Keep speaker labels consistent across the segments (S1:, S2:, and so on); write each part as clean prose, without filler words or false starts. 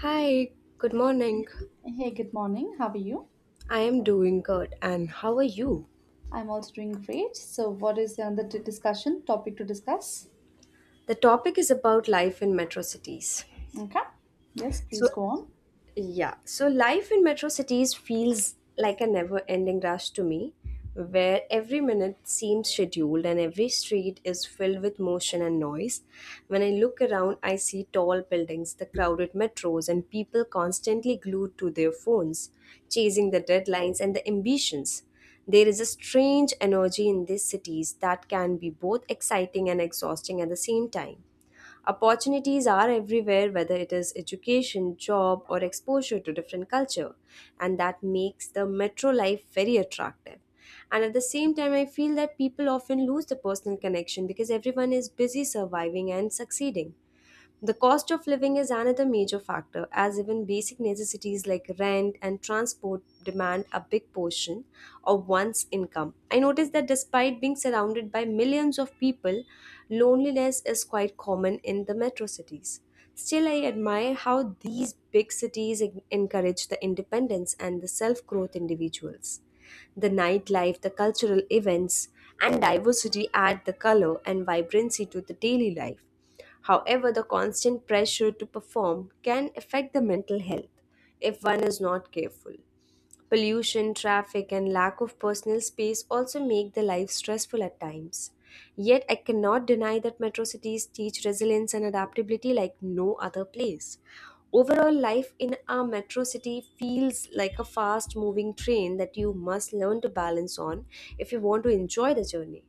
S1: Hi, good morning.
S2: Hey, good morning. How are you?
S1: I am doing good, and how are you?
S2: I'm also doing great. So, what is the other discussion topic to discuss?
S1: The topic is about life in metro cities.
S2: Okay. Yes,
S1: So,
S2: please go on.
S1: Yeah, so life in metro cities feels like a never ending rush to me, where every minute seems scheduled and every street is filled with motion and noise. When I look around, I see tall buildings, the crowded metros, and people constantly glued to their phones, chasing the deadlines and the ambitions. There is a strange energy in these cities that can be both exciting and exhausting at the same time. Opportunities are everywhere, whether it is education, job, or exposure to different culture, and that makes the metro life very attractive. And at the same time, I feel that people often lose the personal connection because everyone is busy surviving and succeeding. The cost of living is another major factor, as even basic necessities like rent and transport demand a big portion of one's income. I noticed that despite being surrounded by millions of people, loneliness is quite common in the metro cities. Still, I admire how these big cities encourage the independence and the self growth individuals. The nightlife, the cultural events, and diversity add the color and vibrancy to the daily life. However, the constant pressure to perform can affect the mental health if one is not careful. Pollution, traffic, and lack of personal space also make the life stressful at times. Yet, I cannot deny that metro cities teach resilience and adaptability like no other place. Overall, life in a metro city feels like a fast moving train that you must learn to balance on if you want to enjoy the journey.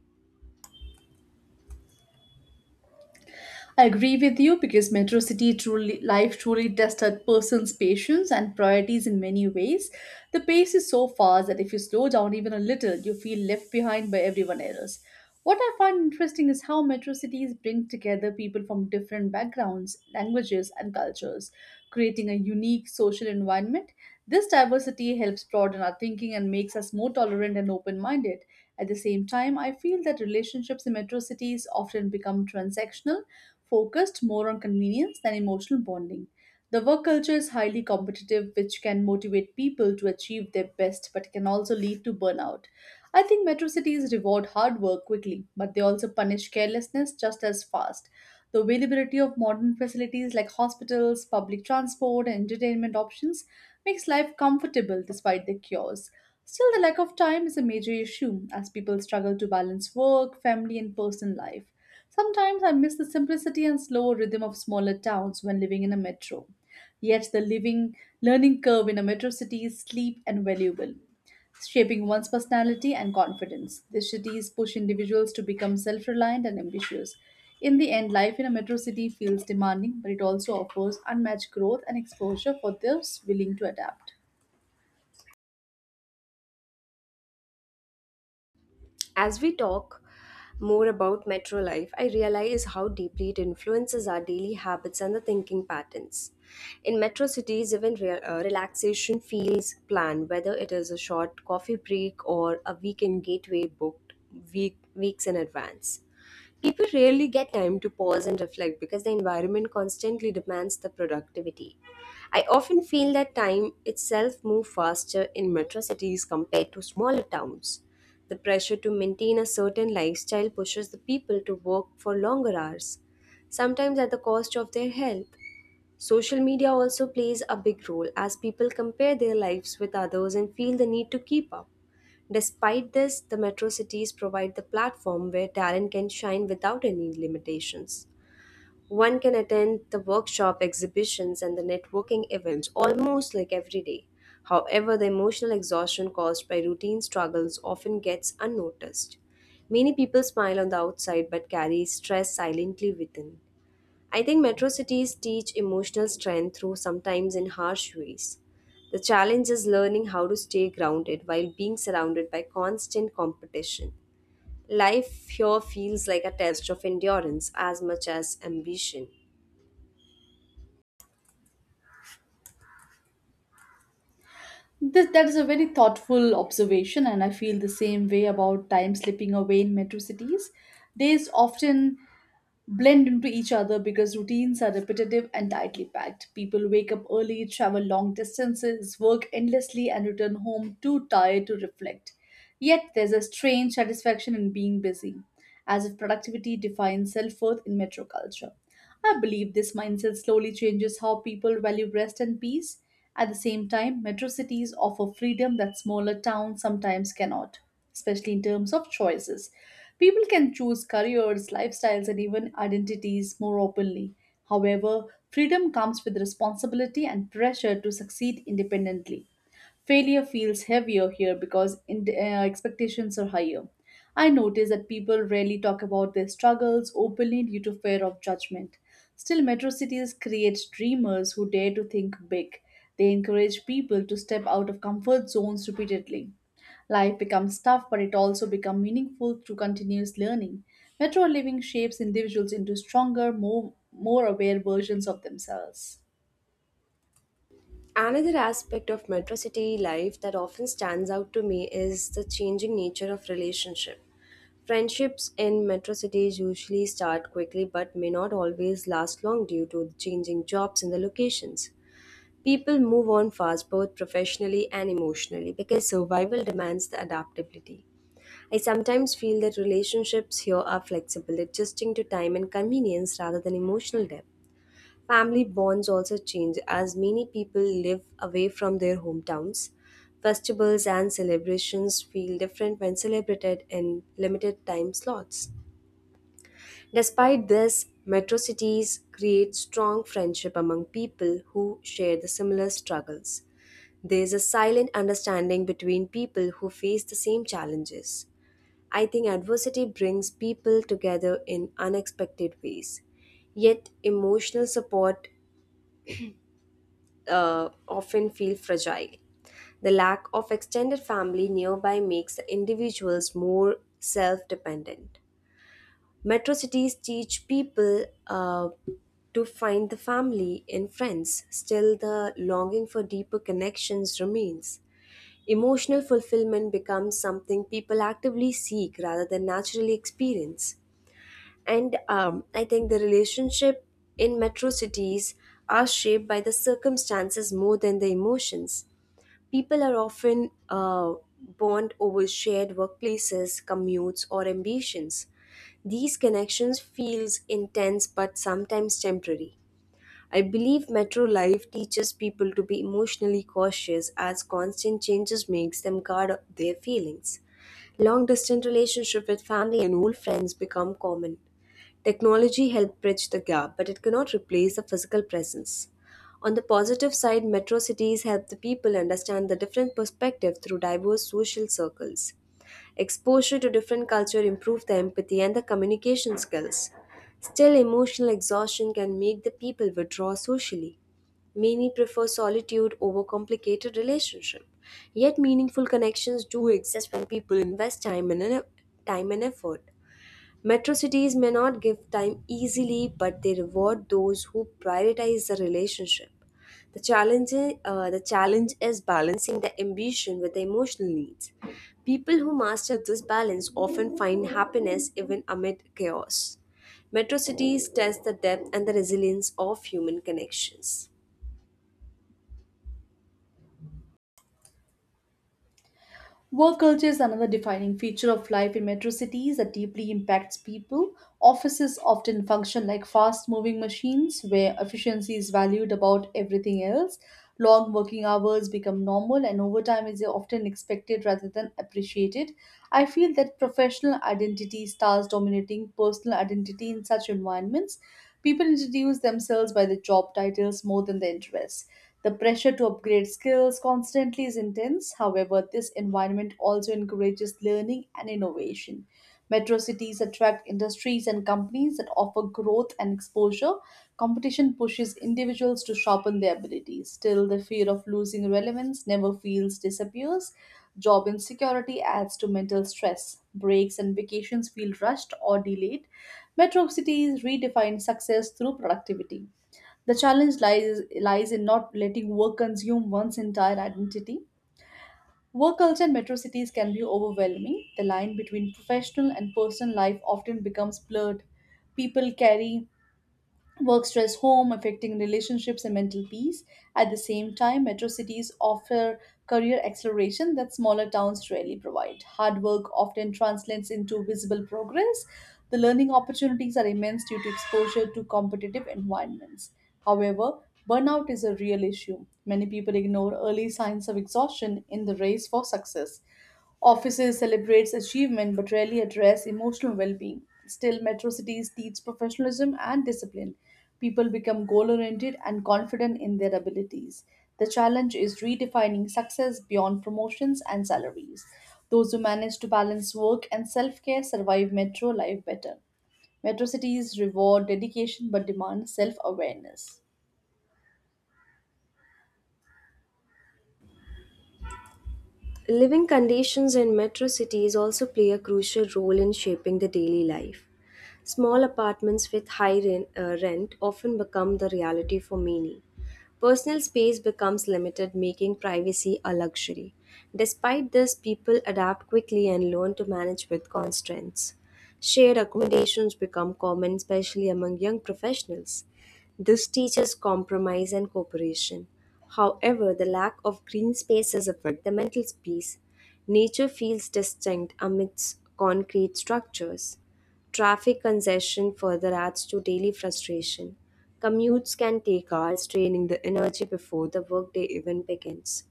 S2: I agree with you because Metro City truly life truly tests a person's patience and priorities in many ways. The pace is so fast that if you slow down even a little, you feel left behind by everyone else. What I find interesting is how metro cities bring together people from different backgrounds, languages, and cultures, creating a unique social environment. This diversity helps broaden our thinking and makes us more tolerant and open minded. At the same time, I feel that relationships in metro cities often become transactional, focused more on convenience than emotional bonding. The work culture is highly competitive, which can motivate people to achieve their best but can also lead to burnout. I think metro cities reward hard work quickly, but they also punish carelessness just as fast. The availability of modern facilities like hospitals, public transport, and entertainment options makes life comfortable despite the cures. Still, the lack of time is a major issue as people struggle to balance work, family, and personal life. Sometimes I miss the simplicity and slower rhythm of smaller towns when living in a metro. Yet the living learning curve in a metro city is steep and valuable, shaping one's personality and confidence. These cities push individuals to become self reliant and ambitious. In the end, life in a metro city feels demanding, but it also offers unmatched growth and exposure for those willing to adapt.
S1: As we talk more about metro life, I realize how deeply it influences our daily habits and the thinking patterns. In metro cities, even relaxation feels planned, whether it is a short coffee break or a weekend gateway booked weeks in advance. People rarely get time to pause and reflect because the environment constantly demands the productivity. I often feel that time itself moves faster in metro cities compared to smaller towns. The pressure to maintain a certain lifestyle pushes the people to work for longer hours, sometimes at the cost of their health. Social media also plays a big role as people compare their lives with others and feel the need to keep up. Despite this, the metro cities provide the platform where talent can shine without any limitations. One can attend the workshop exhibitions and the networking events almost like every day. However, the emotional exhaustion caused by routine struggles often gets unnoticed. Many people smile on the outside but carry stress silently within. I think metro cities teach emotional strength through sometimes in harsh ways. The challenge is learning how to stay grounded while being surrounded by constant competition. Life here feels like a test of endurance as much as ambition.
S2: That is a very thoughtful observation, and I feel the same way about time slipping away in metro cities. Days often blend into each other because routines are repetitive and tightly packed. People wake up early, travel long distances, work endlessly, and return home too tired to reflect. Yet there's a strange satisfaction in being busy, as if productivity defines self worth in metro culture. I believe this mindset slowly changes how people value rest and peace. At the same time, metro cities offer freedom that smaller towns sometimes cannot, especially in terms of choices. People can choose careers, lifestyles, and even identities more openly. However, freedom comes with responsibility and pressure to succeed independently. Failure feels heavier here because expectations are higher. I notice that people rarely talk about their struggles openly due to fear of judgment. Still, metro cities create dreamers who dare to think big. They encourage people to step out of comfort zones repeatedly. Life becomes tough, but it also becomes meaningful through continuous learning. Metro living shapes individuals into stronger, more aware versions of themselves.
S1: Another aspect of metro city life that often stands out to me is the changing nature of relationship. Friendships in metro cities usually start quickly but may not always last long due to the changing jobs and the locations. People move on fast both professionally and emotionally because survival demands the adaptability. I sometimes feel that relationships here are flexible, adjusting to time and convenience rather than emotional depth. Family bonds also change as many people live away from their hometowns. Festivals and celebrations feel different when celebrated in limited time slots. Despite this, metro cities create strong friendship among people who share the similar struggles. There is a silent understanding between people who face the same challenges. I think adversity brings people together in unexpected ways. Yet, emotional support often feel fragile. The lack of extended family nearby makes individuals more self dependent. Metro cities teach people to find the family in friends, still, the longing for deeper connections remains. Emotional fulfillment becomes something people actively seek rather than naturally experience. And I think the relationship in metro cities are shaped by the circumstances more than the emotions. People are often bond over shared workplaces, commutes, or ambitions. These connections feels intense but sometimes temporary. I believe metro life teaches people to be emotionally cautious as constant changes makes them guard their feelings. Long distance relationship with family and old friends become common. Technology helped bridge the gap, but it cannot replace the physical presence. On the positive side, metro cities help the people understand the different perspective through diverse social circles. Exposure to different culture improve the empathy and the communication skills. Still, emotional exhaustion can make the people withdraw socially. Many prefer solitude over complicated relationship. Yet meaningful connections do exist when people invest time and effort. Metro cities may not give time easily, but they reward those who prioritize the relationship. The challenge is balancing the ambition with the emotional needs. People who master this balance often find happiness even amid chaos. Metro cities test the depth and the resilience of human connections.
S2: Work culture is another defining feature of life in metro cities that deeply impacts people. Offices often function like fast moving machines where efficiency is valued above everything else. Long working hours become normal and overtime is often expected rather than appreciated. I feel that professional identity starts dominating personal identity in such environments. People introduce themselves by their job titles more than their interests. The pressure to upgrade skills constantly is intense. However, this environment also encourages learning and innovation. Metro cities attract industries and companies that offer growth and exposure. Competition pushes individuals to sharpen their abilities. Still, the fear of losing relevance never feels disappears. Job insecurity adds to mental stress. Breaks and vacations feel rushed or delayed. Metro cities redefine success through productivity. The challenge lies in not letting work consume one's entire identity. Work culture in metro cities can be overwhelming. The line between professional and personal life often becomes blurred. People carry work stress home, affecting relationships and mental peace. At the same time, metro cities offer career acceleration that smaller towns rarely provide. Hard work often translates into visible progress. The learning opportunities are immense due to exposure to competitive environments. However, burnout is a real issue. Many people ignore early signs of exhaustion in the race for success. Offices celebrates achievement but rarely address emotional well-being. Still, metro cities teach professionalism and discipline. People become goal-oriented and confident in their abilities. The challenge is redefining success beyond promotions and salaries. Those who manage to balance work and self-care survive metro life better. Metro cities reward dedication but demand self-awareness.
S1: Living conditions in metro cities also play a crucial role in shaping the daily life. Small apartments with high rent often become the reality for many. Personal space becomes limited, making privacy a luxury. Despite this, people adapt quickly and learn to manage with constraints. Shared accommodations become common, especially among young professionals. This teaches compromise and cooperation. However, the lack of green spaces affect the mental space. Nature feels distinct amidst concrete structures. Traffic congestion further adds to daily frustration. Commutes can take hours, draining the energy before the workday even begins.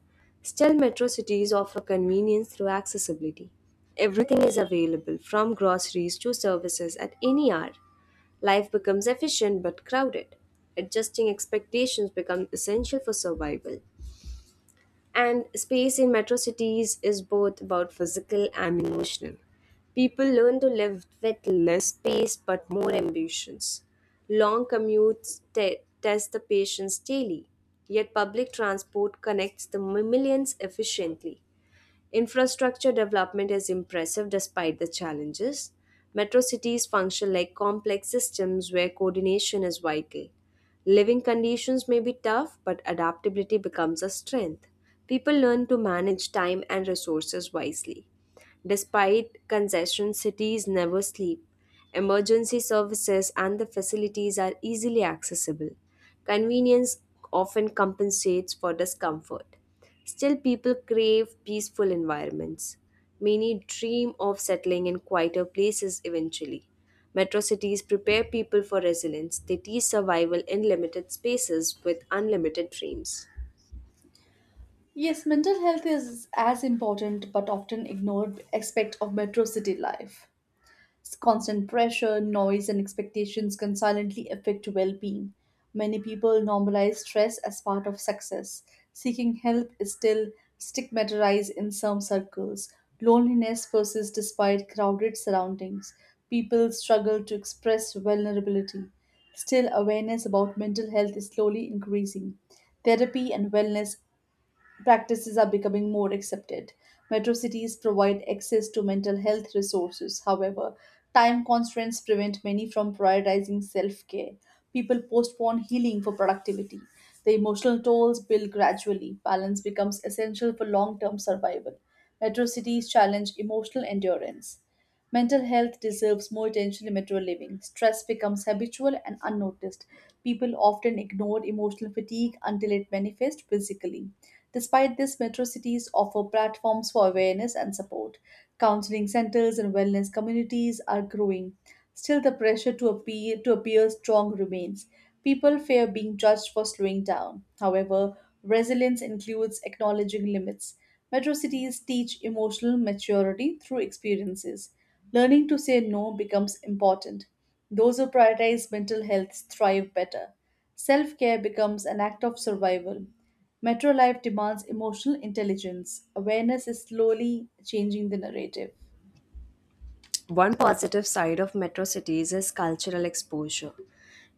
S1: Still, metro cities offer convenience through accessibility. Everything is available, from groceries to services, at any hour. Life becomes efficient but crowded. Adjusting expectations become essential for survival. And space in metro cities is both about physical and emotional. People learn to live with less space but more ambitions. Long commutes test the patience daily, yet public transport connects the millions efficiently. Infrastructure development is impressive despite the challenges. Metro cities function like complex systems where coordination is vital. Living conditions may be tough, but adaptability becomes a strength. People learn to manage time and resources wisely. Despite congestion, cities never sleep. Emergency services and the facilities are easily accessible. Convenience often compensates for discomfort. Still, people crave peaceful environments. Many dream of settling in quieter places eventually. Metro cities prepare people for resilience, they teach survival in limited spaces with unlimited dreams.
S2: Yes, mental health is as important but often ignored aspect of metro city life. Constant pressure, noise, and expectations can silently affect well being. Many people normalize stress as part of success. Seeking help is still stigmatized in some circles. Loneliness persists despite crowded surroundings. People struggle to express vulnerability. Still, awareness about mental health is slowly increasing. Therapy and wellness practices are becoming more accepted. Metro cities provide access to mental health resources. However, time constraints prevent many from prioritizing self care. People postpone healing for productivity. The emotional tolls build gradually. Balance becomes essential for long term survival. Metro cities challenge emotional endurance. Mental health deserves more attention in metro living. Stress becomes habitual and unnoticed. People often ignore emotional fatigue until it manifests physically. Despite this, metro cities offer platforms for awareness and support. Counseling centers and wellness communities are growing. Still, the pressure to appear strong remains. People fear being judged for slowing down. However, resilience includes acknowledging limits. Metro cities teach emotional maturity through experiences. Learning to say no becomes important. Those who prioritize mental health thrive better. Self care becomes an act of survival. Metro life demands emotional intelligence. Awareness is slowly changing the narrative.
S1: One positive side of metro cities is cultural exposure.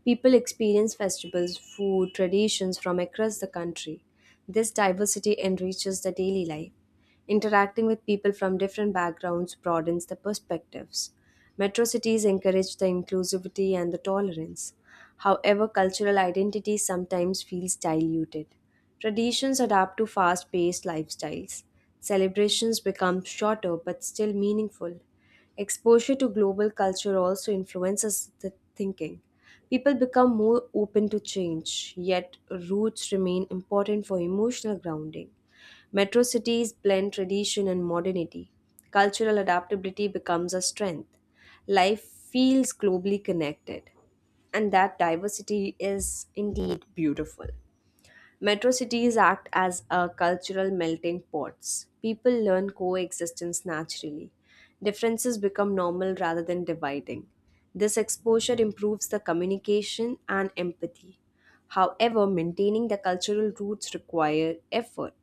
S1: People experience festivals, food, traditions from across the country. This diversity enriches the daily life. Interacting with people from different backgrounds broadens the perspectives. Metro cities encourage the inclusivity and the tolerance. However, cultural identity sometimes feels diluted. Traditions adapt to fast paced lifestyles. Celebrations become shorter but still meaningful. Exposure to global culture also influences the thinking. People become more open to change, yet roots remain important for emotional grounding. Metro cities blend tradition and modernity. Cultural adaptability becomes a strength. Life feels globally connected, and that diversity is indeed beautiful. Metro cities act as a cultural melting pots. People learn coexistence naturally. Differences become normal rather than dividing. This exposure improves the communication and empathy. However, maintaining the cultural roots require effort.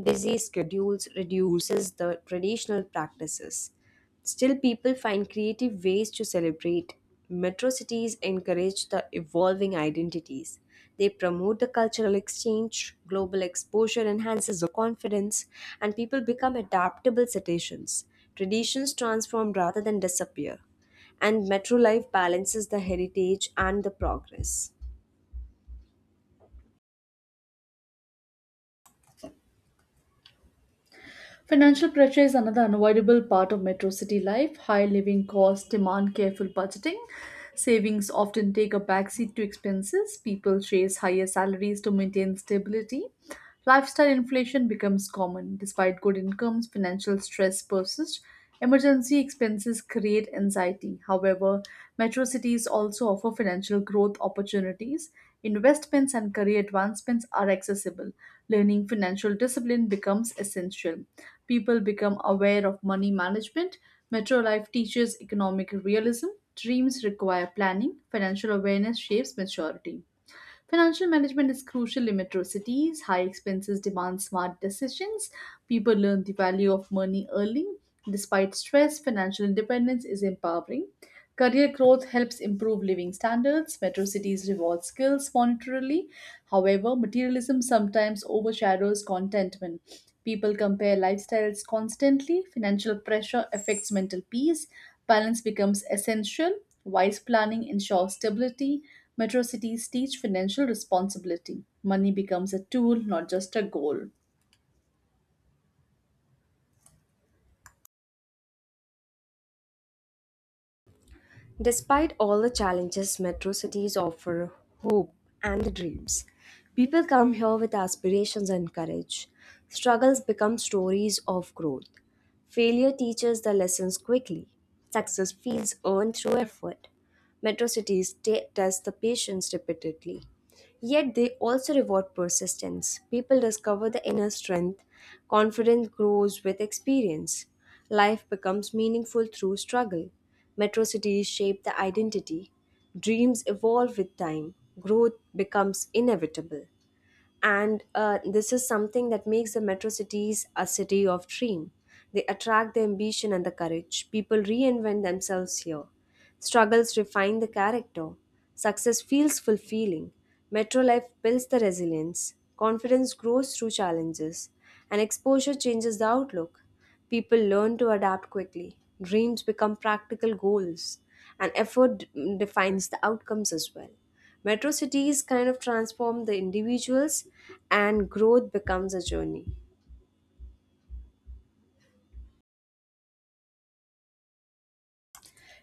S1: Busy schedules reduces the traditional practices. Still, people find creative ways to celebrate. Metro cities encourage the evolving identities. They promote the cultural exchange, global exposure enhances the confidence, and people become adaptable citizens. Traditions transform rather than disappear. And metro life balances the heritage and the progress.
S2: Financial pressure is another unavoidable part of metro city life. High living costs demand careful budgeting. Savings often take a backseat to expenses. People chase higher salaries to maintain stability. Lifestyle inflation becomes common. Despite good incomes, financial stress persists. Emergency expenses create anxiety. However, metro cities also offer financial growth opportunities. Investments and career advancements are accessible. Learning financial discipline becomes essential, people become aware of money management. Metro life teaches economic realism. Dreams require planning. Financial awareness shapes maturity. Financial management is crucial in metro cities. High expenses demand smart decisions. People learn the value of money early. Despite stress, financial independence is empowering. Career growth helps improve living standards. Metro cities reward skills monetarily. However, materialism sometimes overshadows contentment. People compare lifestyles constantly. Financial pressure affects mental peace. Balance becomes essential. Wise planning ensures stability. Metro cities teach financial responsibility. Money becomes a tool, not just a goal.
S1: Despite all the challenges, metro cities offer hope and dreams. People come here with aspirations and courage. Struggles become stories of growth. Failure teaches the lessons quickly. Success feels earned through effort. Metro cities test the patience repeatedly. Yet they also reward persistence. People discover the inner strength, confidence grows with experience, life becomes meaningful through struggle. Metro cities shape the identity, dreams evolve with time, growth becomes inevitable, and this is something that makes the metro cities a city of dream. They attract the ambition and the courage. People reinvent themselves here. Struggles refine the character. Success feels fulfilling. Metro life builds the resilience. Confidence grows through challenges, and exposure changes the outlook. People learn to adapt quickly. Dreams become practical goals, and effort defines the outcomes as well. Metro cities kind of transform the individuals, and growth becomes a journey.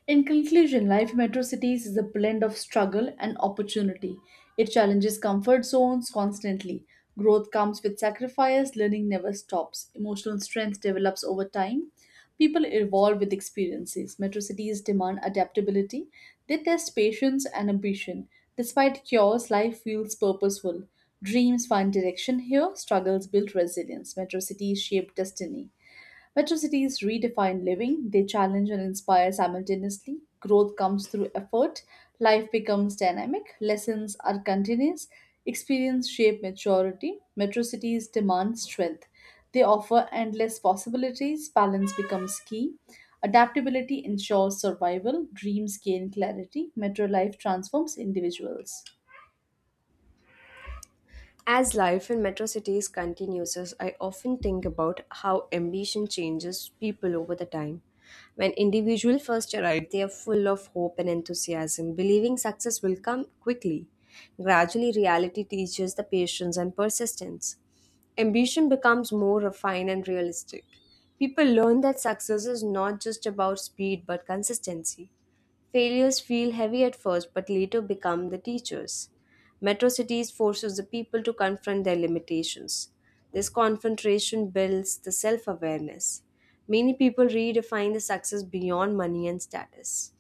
S2: In conclusion, life in metro cities is a blend of struggle and opportunity. It challenges comfort zones constantly. Growth comes with sacrifice, learning never stops. Emotional strength develops over time. People evolve with experiences. Metro cities demand adaptability. They test patience and ambition. Despite chaos, life feels purposeful. Dreams find direction here, struggles build resilience. Metro cities shape destiny. Metro cities redefine living, they challenge and inspire simultaneously. Growth comes through effort, life becomes dynamic, lessons are continuous, experience shape maturity. Metro cities demand strength. They offer endless possibilities, balance becomes key. Adaptability ensures survival, dreams gain clarity, metro life transforms individuals.
S1: As life in metro cities continues, I often think about how ambition changes people over the time. When individuals first arrive, they are full of hope and enthusiasm, believing success will come quickly. Gradually, reality teaches the patience and persistence. Ambition becomes more refined and realistic. People learn that success is not just about speed but consistency. Failures feel heavy at first but later become the teachers. Metro cities forces the people to confront their limitations. This confrontation builds the self awareness. Many people redefine the success beyond money and status.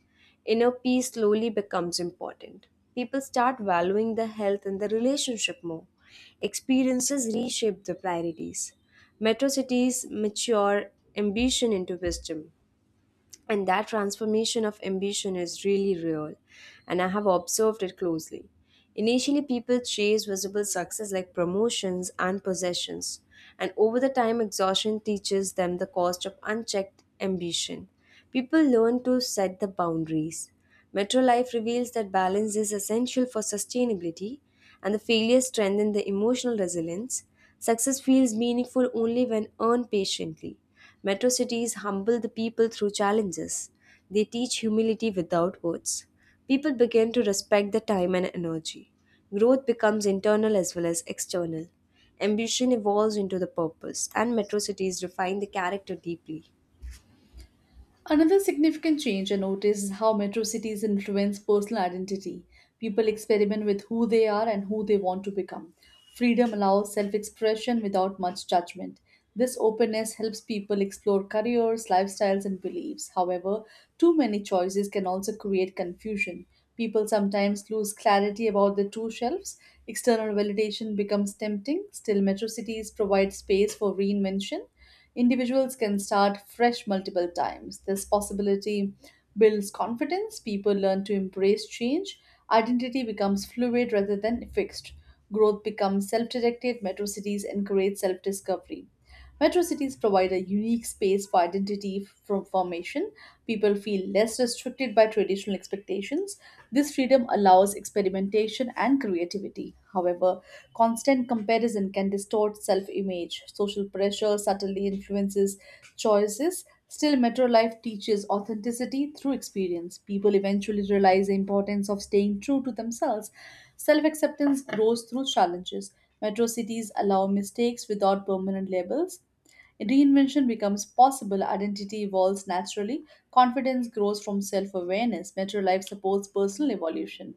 S1: Inner peace slowly becomes important. People start valuing the health and the relationship more. Experiences reshape the priorities. Metro cities mature ambition into wisdom. And that transformation of ambition is really real, and I have observed it closely. Initially, people chase visible success like promotions and possessions, and over the time, exhaustion teaches them the cost of unchecked ambition. People learn to set the boundaries. Metro Life reveals that balance is essential for sustainability, and the failures strengthen the emotional resilience. Success feels meaningful only when earned patiently. Metro cities humble the people through challenges. They teach humility without words. People begin to respect the time and energy. Growth becomes internal as well as external. Ambition evolves into the purpose, and metro cities refine the character deeply.
S2: Another significant change I noticed is how metro cities influence personal identity. People experiment with who they are and who they want to become. Freedom allows self expression without much judgment. This openness helps people explore careers, lifestyles, and beliefs. However, too many choices can also create confusion. People sometimes lose clarity about their true selves. External validation becomes tempting. Still, metro cities provide space for reinvention. Individuals can start fresh multiple times. This possibility builds confidence, people learn to embrace change, identity becomes fluid rather than fixed, growth becomes self directed, metro cities encourage self discovery. Metro cities provide a unique space for identity f- from formation. People feel less restricted by traditional expectations. This freedom allows experimentation and creativity. However, constant comparison can distort self image. Social pressure subtly influences choices. Still, metro life teaches authenticity through experience. People eventually realize the importance of staying true to themselves. Self acceptance grows through challenges. Metro cities allow mistakes without permanent labels. Reinvention becomes possible, identity evolves naturally, confidence grows from self awareness. Metro life supports personal evolution.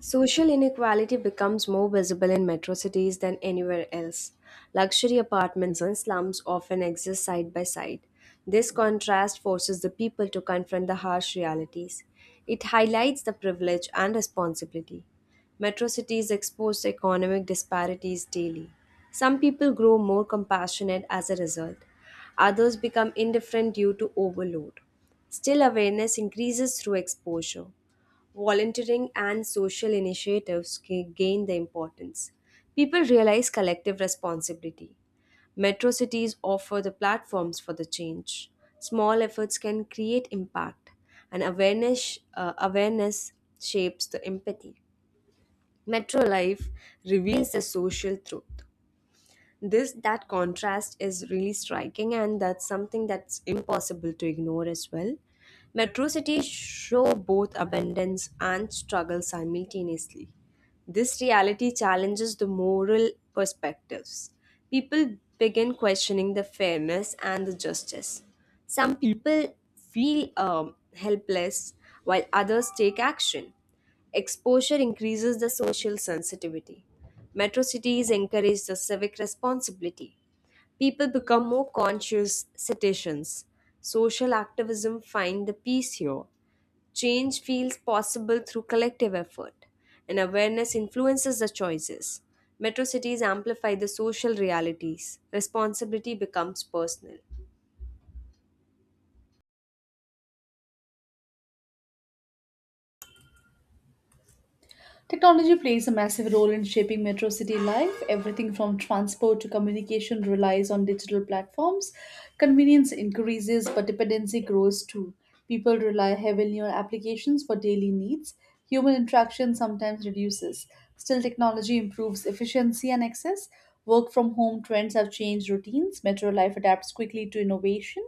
S1: Social inequality becomes more visible in metro cities than anywhere else. Luxury apartments and slums often exist side by side. This contrast forces the people to confront the harsh realities. It highlights the privilege and responsibility. Metro cities expose economic disparities daily. Some people grow more compassionate as a result, others become indifferent due to overload. Still, awareness increases through exposure, volunteering, and social initiatives gain the importance. People realize collective responsibility. Metro cities offer the platforms for the change. Small efforts can create impact, and awareness shapes the empathy. Metro life reveals the social truth. This that contrast is really striking, and that's something that's impossible to ignore as well. Metro cities show both abundance and struggle simultaneously. This reality challenges the moral perspectives. People begin questioning the fairness and the justice. Some people feel helpless while others take action. Exposure increases the social sensitivity. Metro cities encourage the civic responsibility. People become more conscious citizens. Social activism find the peace here. Change feels possible through collective effort, and awareness influences the choices. Metro cities amplify the social realities. Responsibility becomes personal.
S2: Technology plays a massive role in shaping metro city life. Everything from transport to communication relies on digital platforms. Convenience increases, but dependency grows too. People rely heavily on applications for daily needs. Human interaction sometimes reduces. Still, technology improves efficiency and access. Work from home trends have changed routines. Metro life adapts quickly to innovation.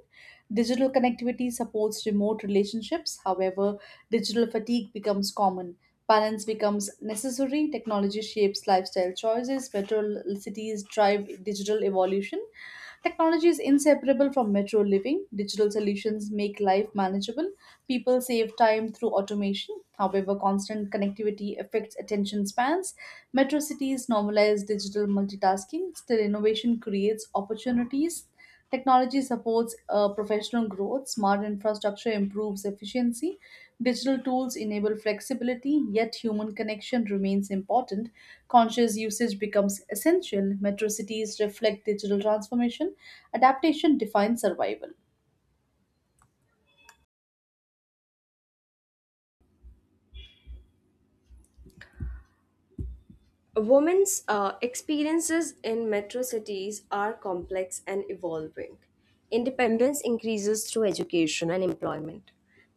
S2: Digital connectivity supports remote relationships. However, digital fatigue becomes common. Balance becomes necessary. Technology shapes lifestyle choices. Metro cities drive digital evolution. Technology is inseparable from metro living. Digital solutions make life manageable. People save time through automation. However, constant connectivity affects attention spans. Metro cities normalize digital multitasking. Still, innovation creates opportunities. Technology supports professional growth. Smart infrastructure improves efficiency. Digital tools enable flexibility, yet human connection remains important. Conscious usage becomes essential. Metro cities reflect digital transformation. Adaptation defines survival.
S1: Women's experiences in metro cities are complex and evolving. Independence increases through education and employment.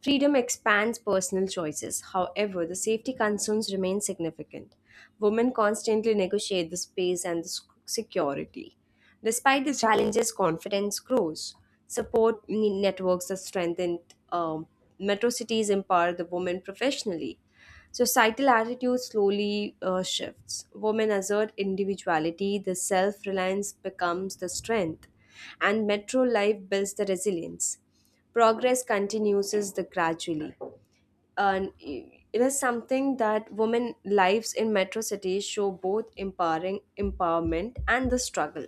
S1: Freedom expands personal choices. However, the safety concerns remain significant. Women constantly negotiate the space and the security. Despite the challenges, confidence grows. Support networks are strengthened. Um, Metro cities empower the women professionally. Societal attitude slowly shifts. Women assert individuality, the self reliance becomes the strength, and metro life builds the resilience. Progress continues the gradually, and it is something that women lives in metro cities show both empowering empowerment and the struggle.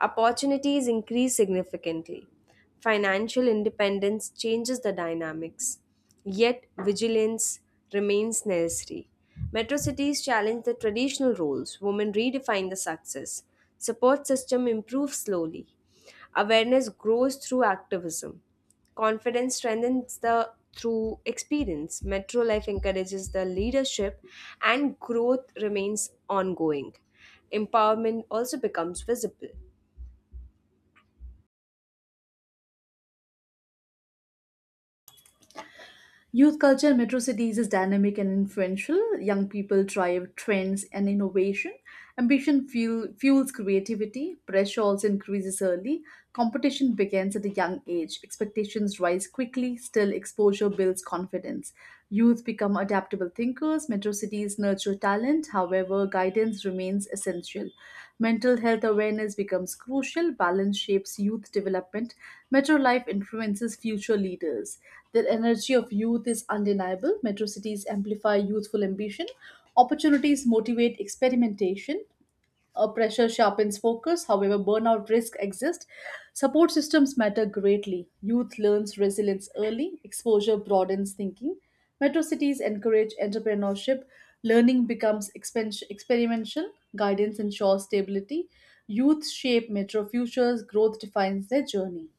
S1: Opportunities increase significantly. Financial independence changes the dynamics, yet vigilance remains necessary. Metro cities challenge the traditional roles. Women redefine the success. Support system improves slowly. Awareness grows through activism. Confidence strengthens the through experience. Metro life encourages the leadership, and growth remains ongoing. Empowerment also becomes visible.
S2: Youth culture in metro cities is dynamic and influential. Young people drive trends and innovation. Fuels creativity. Pressure also increases early. Competition begins at a young age. Expectations rise quickly. Still, exposure builds confidence. Youth become adaptable thinkers, metro cities nurture talent, however, guidance remains essential. Mental health awareness becomes crucial, balance shapes youth development, metro life influences future leaders. The energy of youth is undeniable, metro cities amplify youthful ambition, opportunities motivate experimentation, a pressure sharpens focus, however, burnout risk exists. Support systems matter greatly. Youth learns resilience early, exposure broadens thinking. Metro cities encourage entrepreneurship, learning becomes experimental, guidance ensures stability. Youth shape metro futures, growth defines their journey.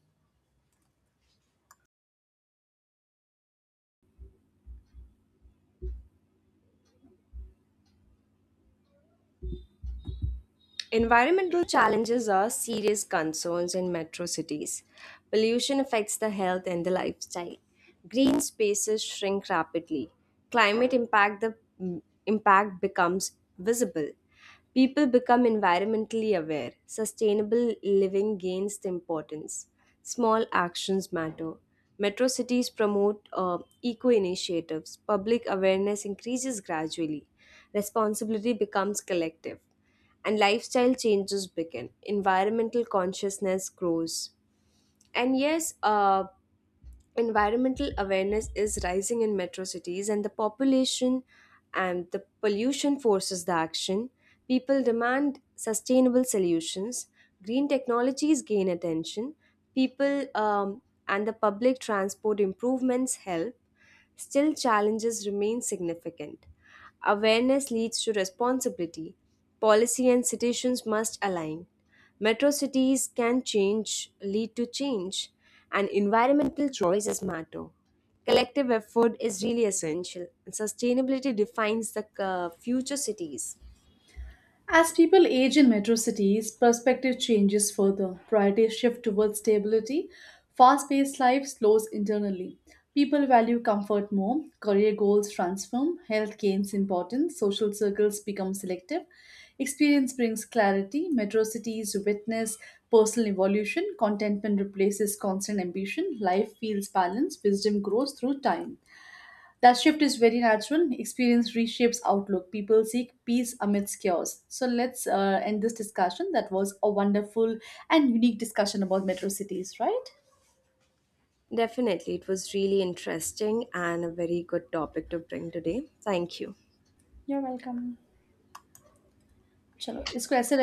S1: Environmental challenges are serious concerns in metro cities. Pollution affects the health and the lifestyle. Green spaces shrink rapidly. Climate impact the mm, impact becomes visible. People become environmentally aware. Sustainable living gains the importance. Small actions matter. Metro cities promote eco initiatives. Public awareness increases gradually. Responsibility becomes collective, and lifestyle changes begin. Environmental consciousness grows. And yes, uh, Environmental awareness is rising in metro cities, and the population and the pollution forces the action. People demand sustainable solutions. Green technologies gain attention. People and the public transport improvements help. Still, challenges remain significant. Awareness leads to responsibility. Policy and citizens must align. Metro cities can lead to change, and environmental choices matter. Collective effort is really essential, and sustainability defines the future cities.
S2: As people age in metro cities, perspective changes further. Priorities shift towards stability. Fast paced life slows internally. People value comfort more. Career goals transform. Health gains importance. Social circles become selective. Experience brings clarity. Metro cities witness personal evolution. Contentment replaces constant ambition. Life feels balanced. Wisdom grows through time. That shift is very natural. Experience reshapes outlook. People seek peace amidst chaos. So let's end this discussion. That was a wonderful and unique discussion about metro cities, right?
S1: Definitely, it was really interesting and a very good topic to bring today. Thank you.
S2: You're welcome. Chalo, isko ऐसे